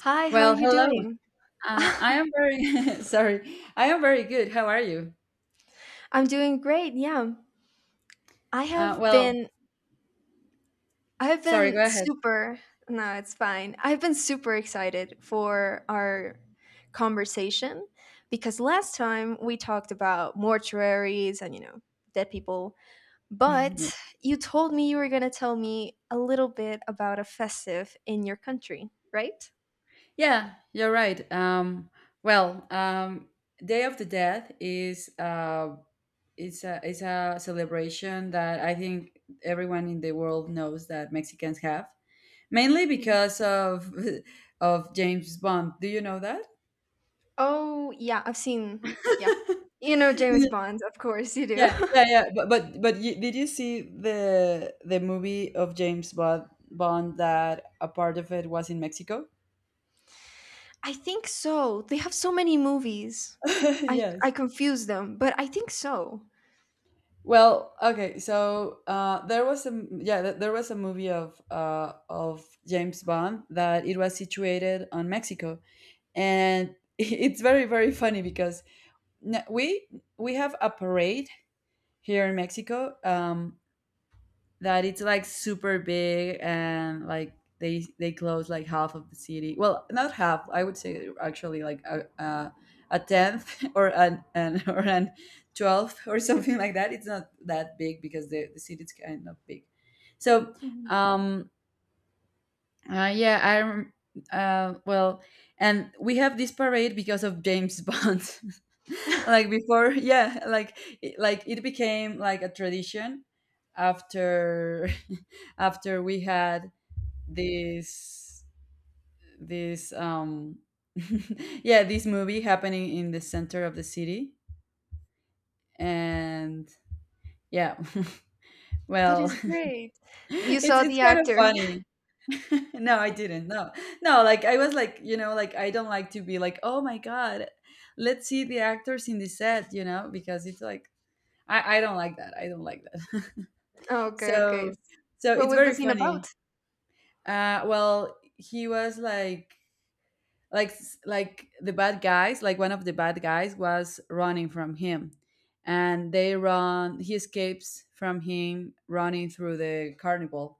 Hi, how are Well, you hello. doing? I am very sorry. I am very good. How are you? I'm doing great. Yeah. I Uh, have well, been I have Sorry. Go been ahead. super. No, it's fine. I've been super excited for our conversation because last time we talked about mortuaries and dead people, but Yeah. you told me you were going to tell me a little bit about a festive in your country, right? Yeah, you're right. Well, um, Day of the Dead is it's a celebration that I think everyone in the world knows that Mexicans have, mainly Mhm. because of of James Bond. Do you know that? Oh, yeah, I've seen. Yeah. You know James Bond, of course you do. Yeah, yeah, yeah. But you, did you see the movie of James Bond that a part of it was in Mexico? I think so. They have so many movies. I Yes. confuse them, but I think so. Well, okay. There was a movie of James Bond that it was situated on Mexico, and it's very very funny because n- we we have a parade here in Mexico. That it's like super big and like they close like half of the city. Well, not half. I would say actually like a tenth or an or an 12th or something like that. It's not that big because the city's kind of big. So Mhm. um, uh, yeah, I rem- uh, well, and we have this parade because of James Bond. Like before, yeah, like like it became like a tradition after after we had this this yeah, this movie happening in the center of the city, and yeah. That Well, is great. You it's saw it's the kind of actor. funny. No, I didn't. No, no, like I was like, you know, like I don't like to be like, oh my god, let's see the actors in the set, you know, because it's like I don't like that. I don't like that. okay, okay. so so What it's was the very scene funny. about? Well, he was like like the bad guys, like one of the bad guys was running from him and they run, he escapes from him running through the carnival.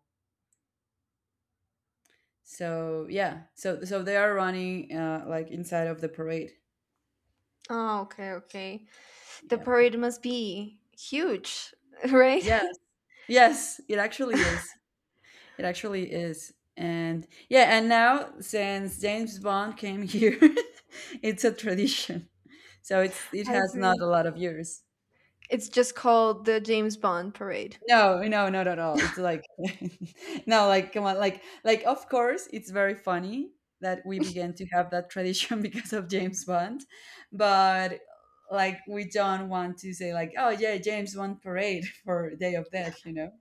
So they are running like inside of the parade. Oh, okay, okay. The Yep. parade must be huge, right? Yes. Yes. It actually is. It actually is. And yeah, and now since James Bond came here, it's a tradition. It I has not see. a lot of years. It's just called the James Bond parade. No, no, not at all. It's like no, like come on, like of course it's very funny that we began to have that tradition because of James Bond, but like we don't want to say like, oh yeah, James Bond parade for Day of Death, you know.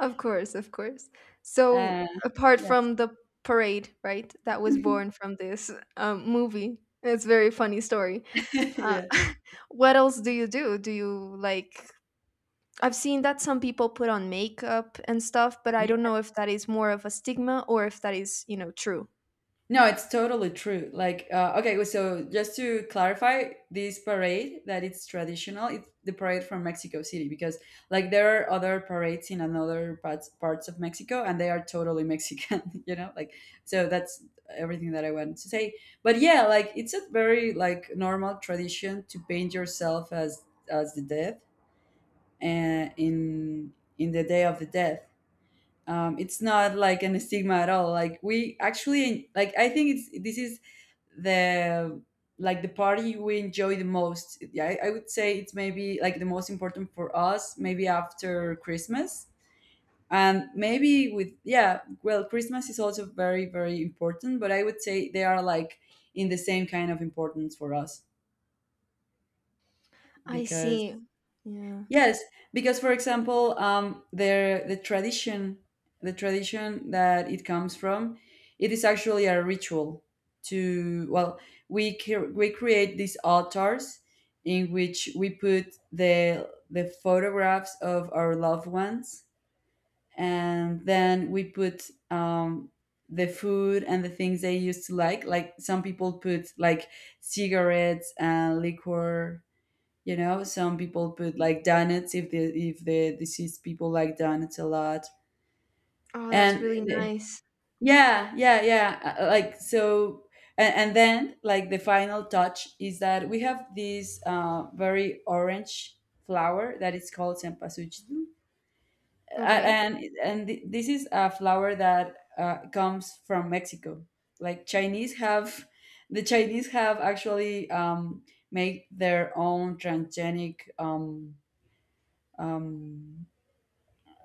Of course, of course. So, Uh, apart yes, from the parade, right, that was born from this movie, it's a very funny story. Uh, yeah. what else do you do? Do you like? I've seen that some people put on makeup and stuff, but I don't know if that is more of a stigma or if that is, true. No, it's totally true. Like, okay, so just to clarify, this parade that it's traditional, it's the parade from Mexico City because, like, there are other parades in another parts of Mexico, and they are totally Mexican. You know, like, so that's everything that I wanted to say. But yeah, like, it's a very like normal tradition to paint yourself as the death, and in the day of the death. It's not like an stigma at all. Like, we actually like, I think it's this is the like the party we enjoy the most. Yeah, I would say it's maybe like the most important for us, maybe after Christmas, and maybe with yeah, well, Christmas is also very very important, but I would say they are like in the same kind of importance for us I because see. Yeah. yes, because for example, the tradition that it comes from, it is actually a ritual. To well, we create these altars in which we put the photographs of our loved ones, and then we put the food and the things they used to like. Like some people put like cigarettes and liquor, you know, some people put like donuts if they if the deceased people like donuts a lot, Oh, that's and really nice. yeah, yeah, yeah. Like so, and then like the final touch is that we have this very orange flower that is called cempasúchil. Okay. This is a flower that comes from Mexico. Like Chinese have, the Chinese have actually make their own transgenic. Um,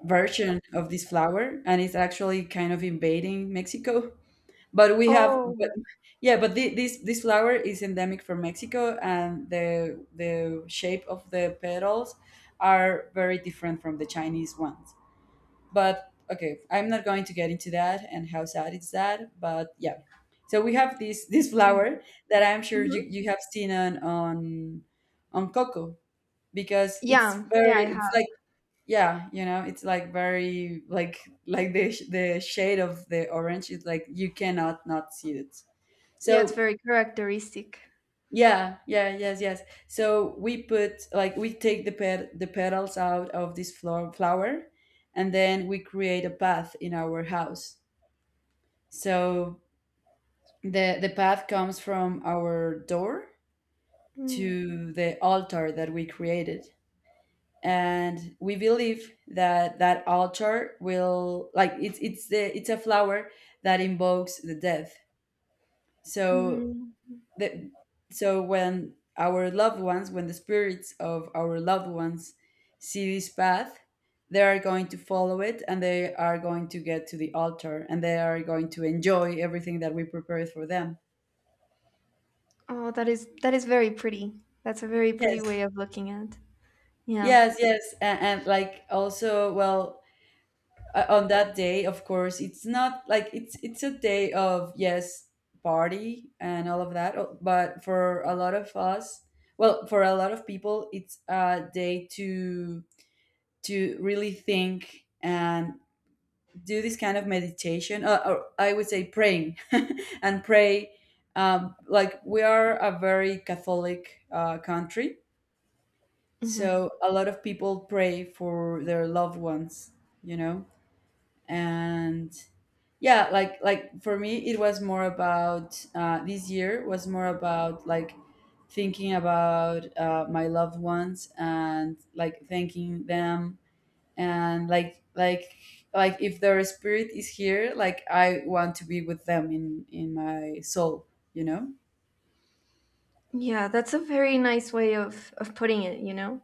Version of this flower, and it's actually kind of invading Mexico. But we have, but, Oh. yeah, but this this flower is endemic from Mexico, and the shape of the petals are very different from the Chinese ones. But okay, I'm not going to get into that and how sad is that. But yeah, so we have this Yeah. flower that I'm sure Mhm. you have seen on on Coco because it's Yeah. Yeah, very I it's like have. yeah, you know, it's like very like the the shade of the orange is like you cannot not see it. Yeah, it's So very characteristic. yeah yeah, yes yes, so we put like we take the petals out of this flower and then we create a path in our house, so the path comes from our door Mm. to the altar that we created, and we believe that that altar will like it's a flower that invokes the death. So Mhm. the so when our loved ones, when the spirits of our loved ones see this path, they are going to follow it and they are going to get to the altar and they are going to enjoy everything that we prepared for them. Oh, that is very pretty. That's a very pretty Yes, way of looking at. Yeah. yes, yes, and like also well, on that day of course it's not like it's a day of yes party and all of that but for a lot of us, well, for a lot of people it's a day to really think and do this kind of meditation, or I would say praying and pray. Like we are a very Catholic country, Hmm. so a lot of people pray for their loved ones, you know, and yeah, like for me it was more about this year was more about like thinking about my loved ones and like thanking them, and like if their spirit is here, like I want to be with them in my soul, you know. Yeah, that's a very nice way of putting it.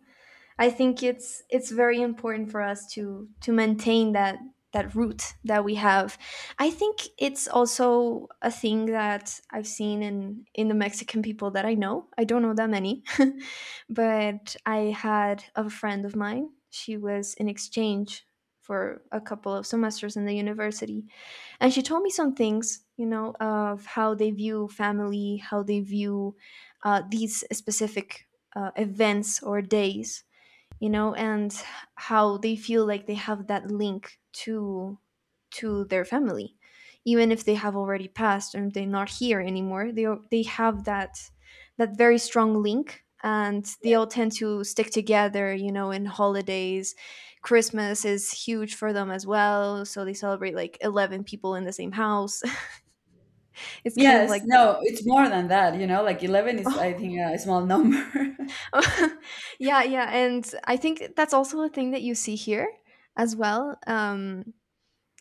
I think it's very important for us to maintain that root that we have. I think it's also a thing that I've seen in the Mexican people that I know. I don't know that many, but I had a friend of mine. She was in exchange for a couple of semesters in the university, and she told me some things, of how they view family, how they view these specific events or days and how they feel like they have that link to their family, even if they have already passed and they're not here anymore, they have that very strong link, and they all tend to stick together in holidays. Christmas is huge for them as well, so they celebrate like 11 people in the same house. it's kind of Yes, like no, it's more than that, you know, like 11 is that. I think a small number. yeah, yeah, and I think that's also a thing that you see here as well.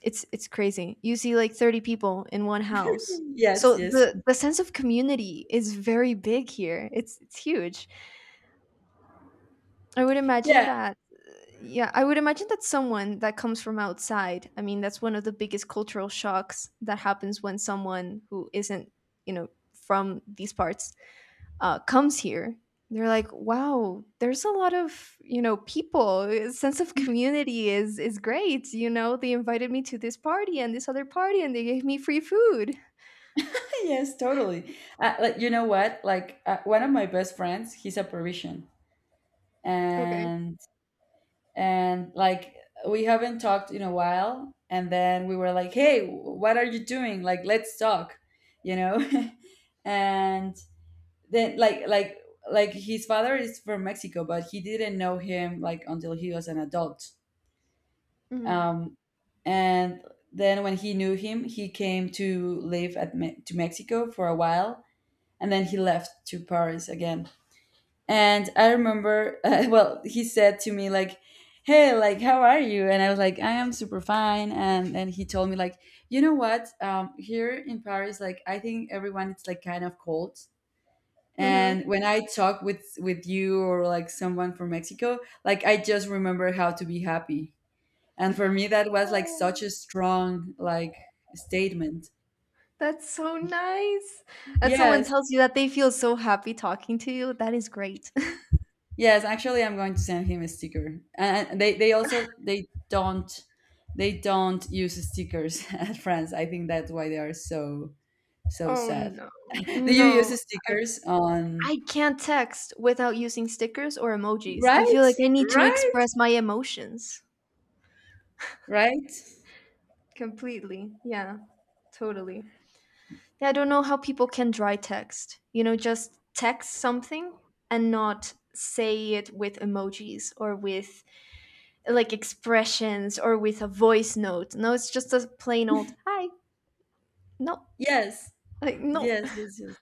It's crazy. You see like 30 people in one house. So Yes, yes. the sense of community is very big here. It's huge. I would imagine Yeah. that Yeah, I would imagine that someone that comes from outside, I mean, that's one of the biggest cultural shocks that happens when someone who isn't, you know, from these parts, comes here, they're like, wow, there's a lot of people. A sense of community is great. They invited me to this party and this other party, and they gave me free food. Yes, totally. Like, you know what? Like one of my best friends, he's a Parisian, Okay. and and like we haven't talked in a while, and then we were like, "Hey, what are you doing? Like, let's talk," you know. And then like his father is from Mexico, but he didn't know him like until he was an adult. Mhm. Um, and then when he knew him, he came to live at to Mexico for a while and then he left to Paris again. And I remember, he said to me like, "Hey, like, how are you?" And I was like, "I am super fine." And he told me like, "You know what? Here in Paris, like, I think everyone it's like kind of cold." Mhm. And when I talk with you or like someone from Mexico, like I just remember how to be happy. And for me, that was like Oh, such a strong like statement. that's so nice. That someone Yes. tells you that they feel so happy talking to you. That is great. Yes, actually, I'm going to send him a sticker. And they also they don't use stickers at France. I think that's why they are so so Oh sad. no, Do you no. use I, stickers on I can't text without using stickers or emojis. I feel right? like I need to Right? express my emotions Right? completely. Yeah. Totally. Yeah, I don't know how people can dry text. Just text something and not say it with emojis or with like expressions or with a voice note. No, it's just a plain old hi. No, Yes. like, no, Yes, yes, yes.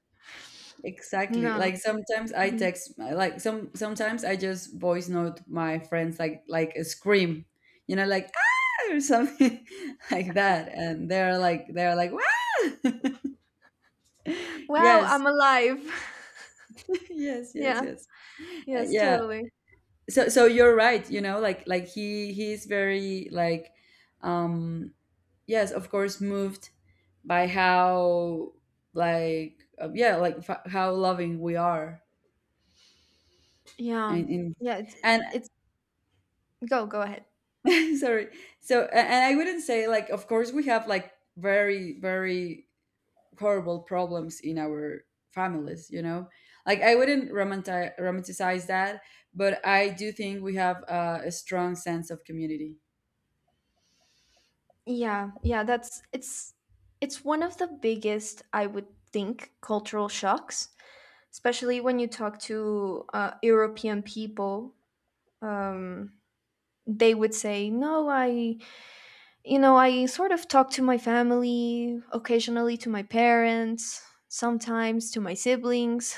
Exactly. no. Like sometimes I Mhm. text like sometimes I just voice note my friends like a scream. You know, like ah or something like that, and they're like wow. Wow, Yes. I'm alive. Yes, yes, yeah, yes. Yes, Yeah. totally. So you're right, you know, like he's very like um yes, of course moved by how like yeah, like f how loving we are Yeah, and in yeah. And It's Go ahead. sorry. And I wouldn't say like of course we have like very very horrible problems in our families, you know, like I wouldn't romanticize that, but I do think we have a strong sense of community. Yeah, yeah. That's It's one of the biggest, I would think, cultural shocks, especially when you talk to European people. um, they would say, "No, I sort of talk to my family occasionally, to my parents, sometimes to my siblings,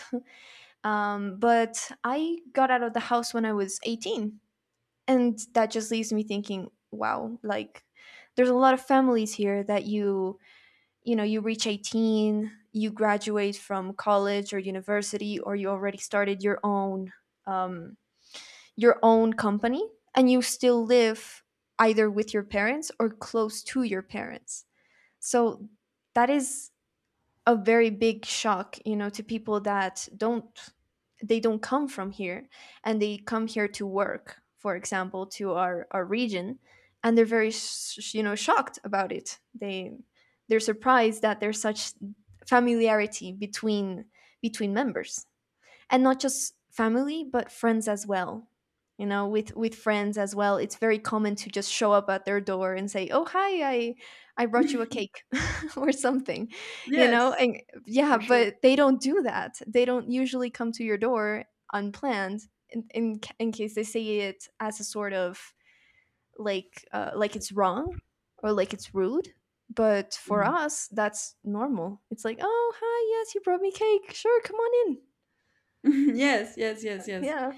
but I got out of the house when I was 18, and that just leaves me thinking, wow, like." There's a lot of families here that you reach 18, you graduate from college or university, or you already started your own um, company, and you still live either with your parents or close to your parents, so that is a very big shock, to people that don't they don't come from here, and they come here to work, for example, to our region, and they're very shocked about it. They're surprised that there's such familiarity between members, and not just family but friends as well. With friends as well, it's very common to just show up at their door and say, "Oh, hi, I brought you a cake," or something, Yes, and yeah. for sure. But they don't do that. They don't usually come to your door unplanned, in case they see it as a sort of, like it's wrong or like it's rude. But for Mhm. us that's normal. It's like, "Oh, hi, yes, you brought me cake, sure, come on in." Yes, yes, yes, yes. Yeah.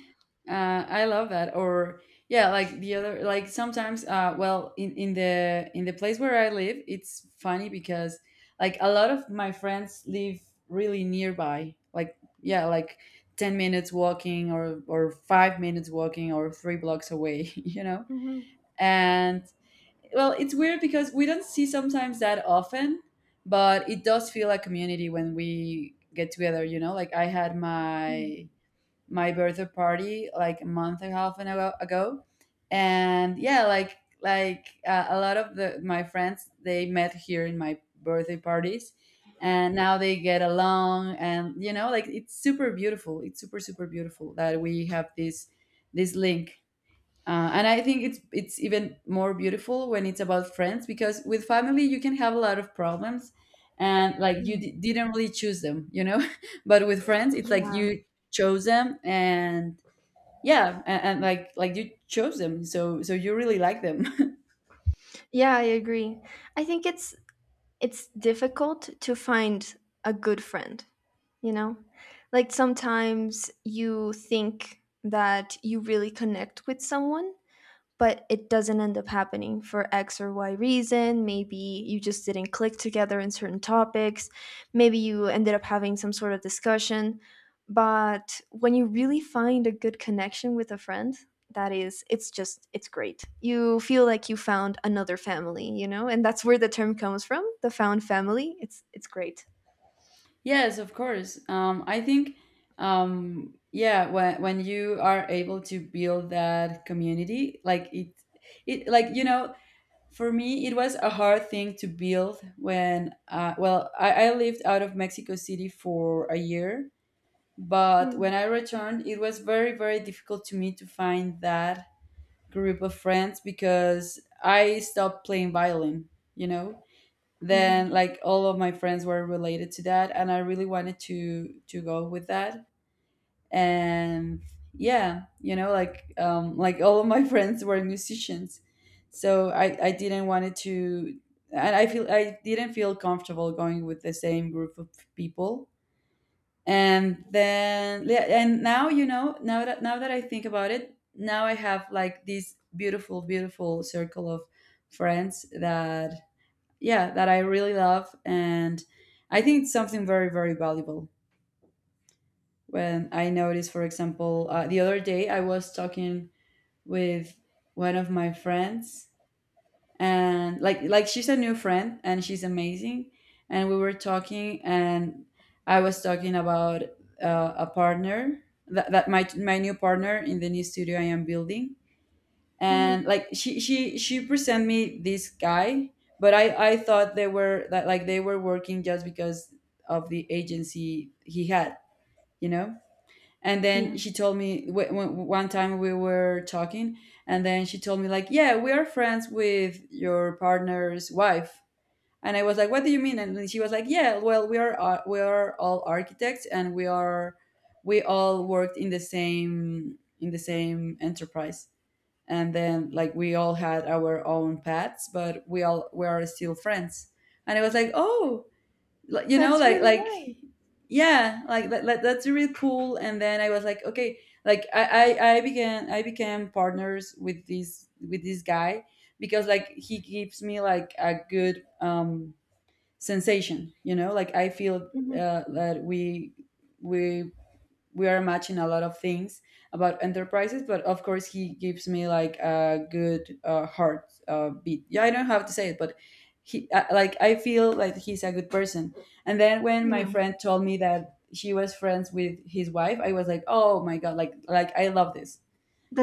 I love that. Or yeah, like the other, like sometimes, in the place where I live, it's funny because like a lot of my friends live really nearby. Like yeah, like 10 minutes walking, or 5 minutes walking, or 3 blocks away. You know, Hmm. and well, it's weird because we don't see sometimes that often, but it does feel like community when we get together. You know, like I had Mm, my my birthday party like a month and a half ago. And yeah like a lot of the my friends they met here in my birthday parties, and now they get along. And you know like it's super beautiful, it's super super beautiful that we have this link. And I think it's even more beautiful when it's about friends, because with family you can have a lot of problems, and mm. Didn't really choose them. But with friends it's like Yeah, you chose them. And you chose them, so you really like them. yeah, I agree. I think it's difficult to find a good friend, you know? Like sometimes you think that you really connect with someone, but it doesn't end up happening for X or Y reason. Maybe you just didn't click together in certain topics. Maybe you ended up having some sort of discussion. But when you really find a good connection with a friend, that is, it's just, it's great. You feel like you found another family, and that's where the term comes from, the found family. It's great. Yes, of course. I think, yeah, when you are able to build that community, like it like you know For me, it was a hard thing to build. Well, I lived out of Mexico City for a year, but Mm, when I returned, it was very, very difficult to me to find that group of friends, because I stopped playing violin, you know? yeah, Then, like, all of my friends were related to that, and I really wanted to go with that. And yeah you know like all of my friends were musicians, so I didn't wanted to. And I didn't feel comfortable going with the same group of people. And then yeah, and now you know now that I think about it, now I have like this beautiful beautiful circle of friends that, yeah, that I really love. And I think it's something very very valuable. When I noticed, for example, the other day I was talking with one of my friends, and like she's a new friend and she's amazing, and we were talking, and I was talking about a partner that, that my new partner in the new studio I am building. And Mhm. like she presented me this guy, but I thought they were working just because of the agency he had, you know. And Yeah, then she told me one time we were talking, and then she told me like, yeah, we are friends with your partner's wife. And I was like, what do you mean? And then she was like, yeah, well, we are all architects, and we all worked in the same enterprise, and then like we all had our own paths, but we are still friends. And I was like, oh, like, you know that's like really like nice. yeah like that's really cool. And then I was like, okay, like I, I became partners with this guy because like he gives me like a good sensation, you know? Like I feel Mhm. That we we are matching a lot of things about enterprises. But of course he gives me like a good heart beat. Yeah, I don't have to say it, but he like I feel like he's a good person. And then when my Yeah, friend told me that she was friends with his wife, I was like, oh my god, like I love this,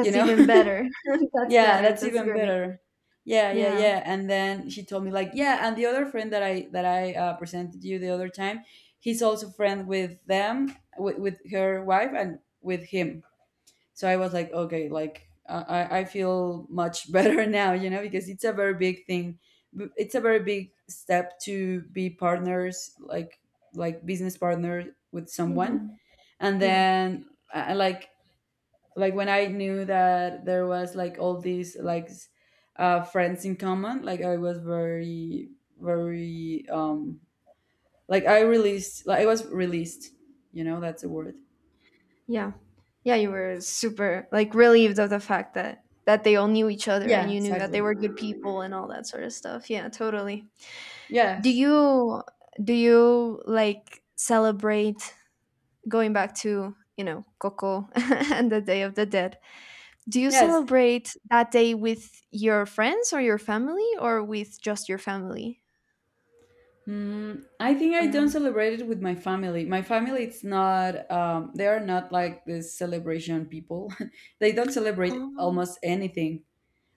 you know? even better. that's Yeah, better. that's That's even great. better. Yeah, yeah, Yeah. yeah. And then she told me like, yeah, and the other friend that I presented you the other time, he's also friend with them, with her wife and with him. So I was like, okay, like I feel much better now, you know, because it's a very big thing. It's a very big step to be partners, like business partner with someone. Mhm. And Yeah, then I like when I knew that there was like all these friends in common, like I was very very like I released, like I was released. You know, that's a word. yeah, yeah. You were super, like, relieved of the fact that they all knew each other and Yeah, you knew that exactly. they were good people, and all that sort of stuff. Yeah, totally. Do Yes. you do you like celebrate, going back to, Coco, and the Day of the Dead? Do you Yes. celebrate that day with your friends or your family, or with just your family? Mm, I think I Or don't celebrate it with my family. My family, it's not, they are not like this celebration people. They don't celebrate oh, almost anything.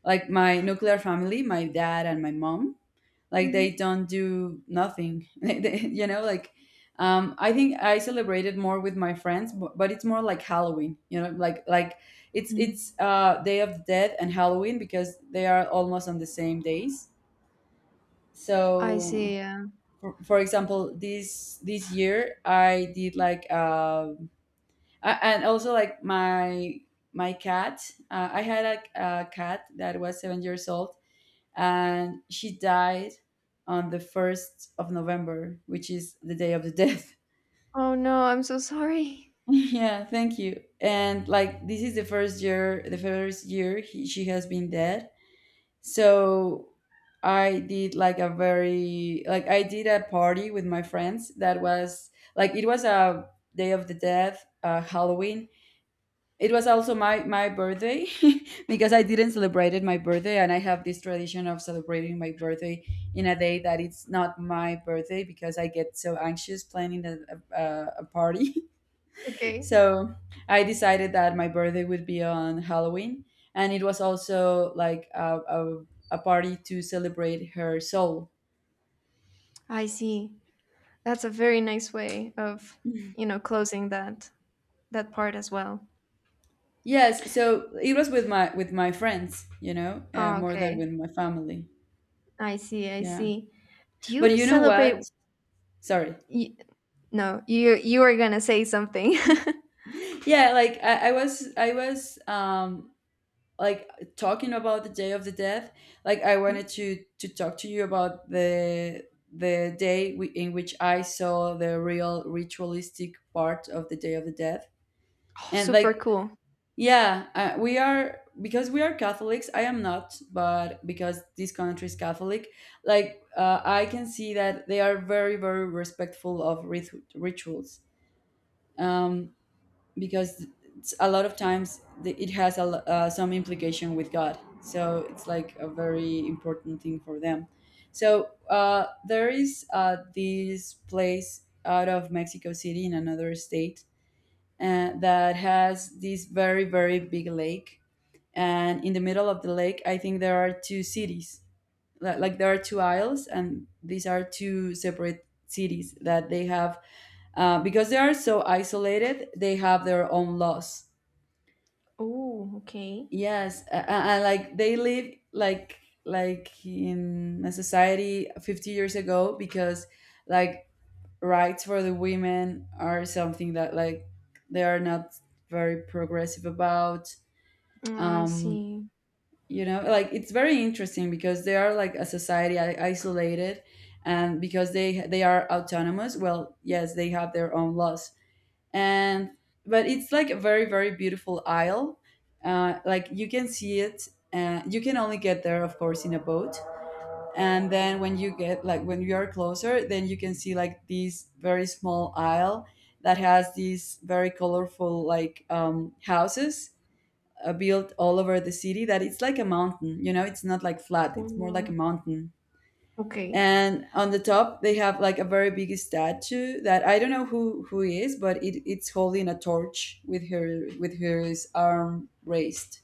Like my nuclear family, my dad and my mom, like they mhm. don't do nothing. You know, like, I think I celebrated more with my friends, but it's more like Halloween, you know? Like Mm. it's Day of the Dead and Halloween, because they are almost on the same days. I see. So Yeah. For example, this year I did like, and also like my cat, I had a cat that was 7 years old, and she died on the 1st of November, which is the Day of the Death. Oh no, I'm so sorry. Yeah, thank you. And like this is the first year she has been dead. So I did like a very like i did a party with my friends that was like, it was a Day of the Death, Halloween, it was also my birthday, because I didn't celebrate my birthday, and I have this tradition of celebrating my birthday in a day that it's not my birthday, because I get so anxious planning a party. Okay. So I decided that my birthday would be on Halloween, and it was also like a party to celebrate her soul. I see. That's a very nice way of, closing that part as well. Yes, so it was with my friends, you know, Ah, more than with okay. my family. I see. I Yeah, see. Do but you you know celebrate what? Sorry. y no, you were gonna say something. Yeah, like I was like talking about the Day of the Death. Like I Hmm? wanted to talk to you about the day in which I saw the real ritualistic part of the Day of the Death. Oh, And like, super cool. yeah, we are because we are Catholics, I am not, but because this country is catholic, I can see that they are very very respectful of rituals, um because a lot of times it has some implication with God. So it's like a very important thing for them. So there is this place out of Mexico City, in another state, that has this very, very big lake. And in the middle of the lake, I think there are two cities. Like there are two isles, and these are two separate cities that they have, because they are so isolated, they have their own laws. Oh, okay. Yes, and like they live like in a society 50 years ago, because like, rights for the women are something that like they are not very progressive about. I Um, see. you know, like it's very interesting because they are like a society isolated, and because they are autonomous. Well, yes, they have their own laws. And but it's like a very very beautiful isle. Like you can see it. You can only get there, of course, in a boat. And then when you get, like, when you are closer, then you can see like this very small isle that has these very colorful, like, houses built all over the city, that it's like a mountain, you know? It's not like flat, it's more like a Oh, mountain. okay. And on the top they have like a very big statue, that I don't know who is, but it's holding a torch with her arm raised.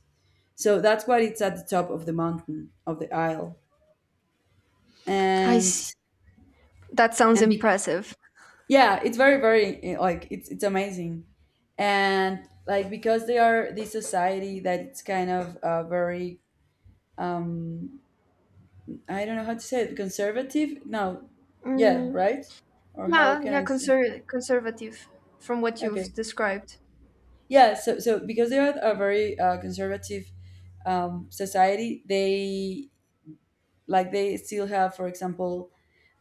So that's why it's at the top of the mountain of the isle. I and see. That sounds and be- impressive. yeah, it's very very, it's amazing. And like because they are this society, that it's kind of, very, um I don't know how to say it, conservative, no? Yeah, Mm, right. Or how yeah, can yeah, I say? Conservative from what Okay. you've described. Yeah, so so because they are a very conservative, society, they, like they still have, for example,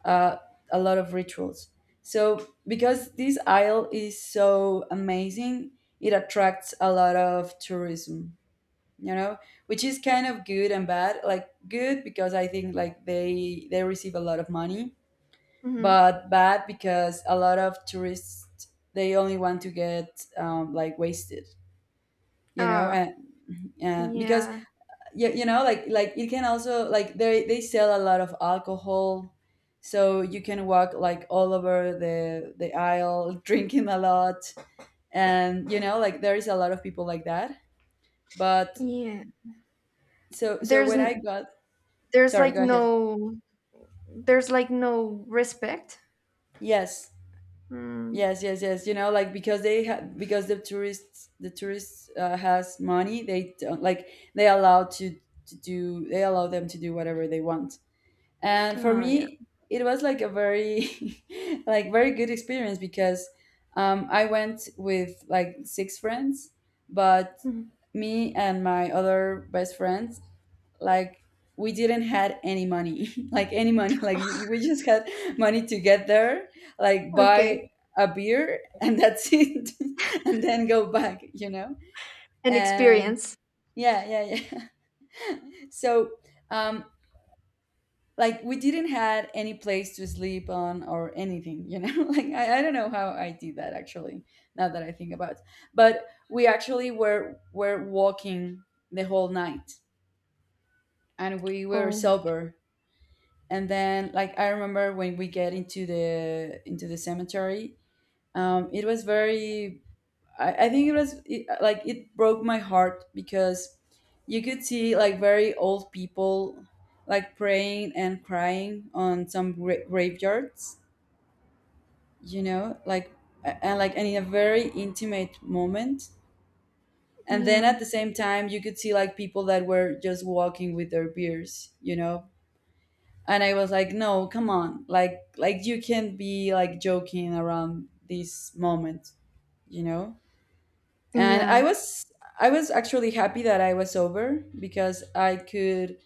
uh, a lot of rituals. So because this isle is so amazing, it attracts a lot of tourism. You know, which is kind of good and bad. Like good, because I think like they receive a lot of money, Mm-hmm. but bad because a lot of tourists, they only want to get, like, wasted. You know, and. Ah, Yeah, because yeah, you know, like it can also like they sell a lot of alcohol, so you can walk like all over the aisle drinking a lot, and, you know, like there is a lot of people like that. But yeah. so so There's when I n- got, There's sorry, like go ahead. no respect. Yes, Mm. yes, yes, yes. You know, like because because the tourists has money, they don't like, they allow to they allow them to do whatever they want. And for Ah, yeah. me it was like a very, like, very good experience, because I went with like six friends. But Mhm. me and my other best friends, like, we didn't had any money, like, any money. We just had money to get there, like buy Okay. a beer, and that's it, and then go back, you know? An And experience. yeah yeah yeah. So, um like we didn't had any place to sleep on or anything, you know? Like, i don't know how I did that, actually, now that I think about it. But we actually were walking the whole night, and we were Oh, sober. And then like I remember when we get into the cemetery. It was very, i think it was like it broke my heart, because you could see like very old people like praying and crying on some graveyards. You know, like, and in a very intimate moment. And then yeah. at the same time, you could see like people that were just walking with their beers, you know. And I was like, no, come on, like you can not be like joking around this moment, you know? And I Yeah. was I was actually happy that I was sober, because I could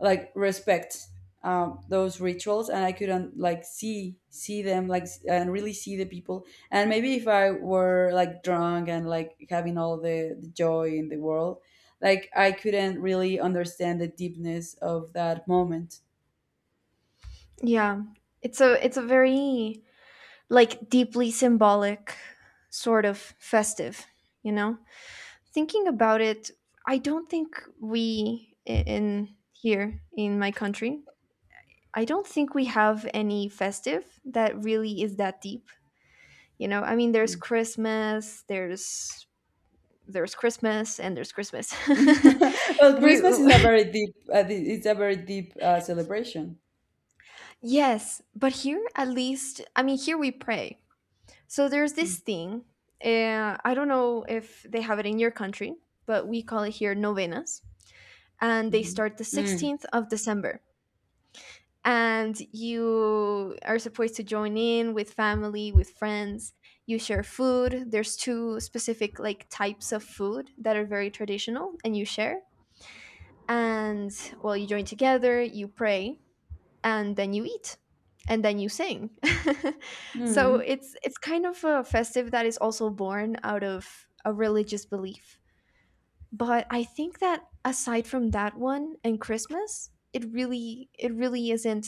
like respect, those rituals. And I could not like see them like, s- and really see the people. And maybe if I were like drunk and like having all the joy in the world, like I couldn't really understand the deepness of that moment. Yeah. It's a very, like, deeply symbolic sort of festive, you know? Thinking about it, I don't think in here in my country, I don't think we have any festive that really is that deep. I mean, there's Christmas, there's Christmas, and there's Christmas. Well, we Christmas is a very deep it's a very deep celebration. Yes, but here at least, I mean, here we pray. So there's this thing. I don't know if they have it in your country, but we call it here novenas, and they start the Mm-hmm. Mm. 16th of December. And you are supposed to join in with family, with friends. You share food. There's two specific, like, types of food that are very traditional, and you share. And well, you join together. You pray, and then you eat, and then you sing. so Mm. it's kind of a festive that is also born out of a religious belief. But I think that aside from that one and Christmas, it really isn't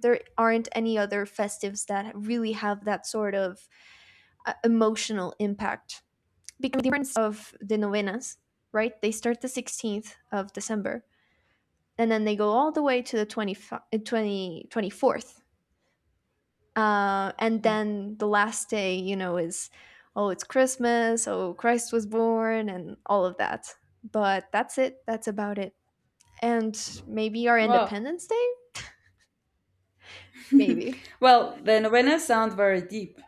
there aren't any other festives that really have that sort of emotional impact, because the difference of the novenas, right? They start the 16th of December, and then they go all the way to the 20, 24th, and then the last day, is, "Oh, it's Christmas, oh, Christ was born," and all of that. But that's it. That's about it. And maybe our Wow. Independence Day. Maybe. Well, the novenas sound very deep.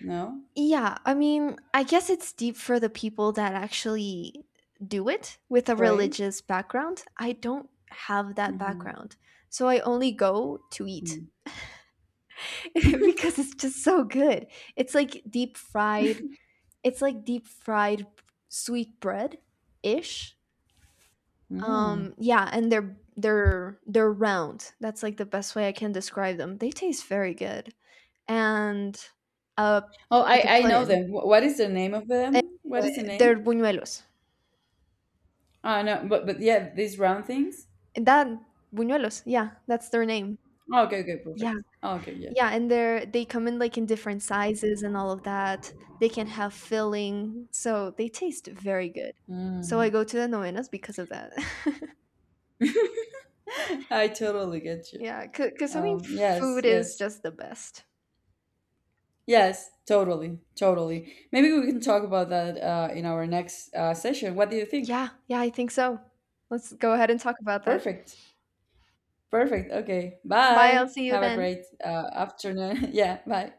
No, Yeah, I mean, I guess it's deep for the people that actually do it with a pray. religious background. I don't have that Hmm. background, so I only go to eat, because it's just so good. it's like deep fried It's like deep fried sweet bread ish. Mm. Yeah, and they're round. That's like the best way I can describe them. They taste very good. And uh Oh, like a I know pudding. them. What is the name of Eh, them? What is the name? they're buñuelos. Oh no, but yeah, these round things. That buñuelos, yeah, that's their name. Oh, okay, okay, Yeah. perfect. Oh, okay, yeah. Yeah, and they come in different sizes, and all of that. They can have filling, so they taste very good. So Mm. I go to the novenas because of that. I totally get you. Yeah, cause I mean, Yes, food is yes, just the best. yes, totally, totally. Maybe we can talk about that in our next session. What do you think? Yeah, yeah, I think so. Let's go ahead and talk about that. Perfect. Perfect. Okay. Bye, I'll Bye. see you Have a then. great afternoon. Yeah. Bye.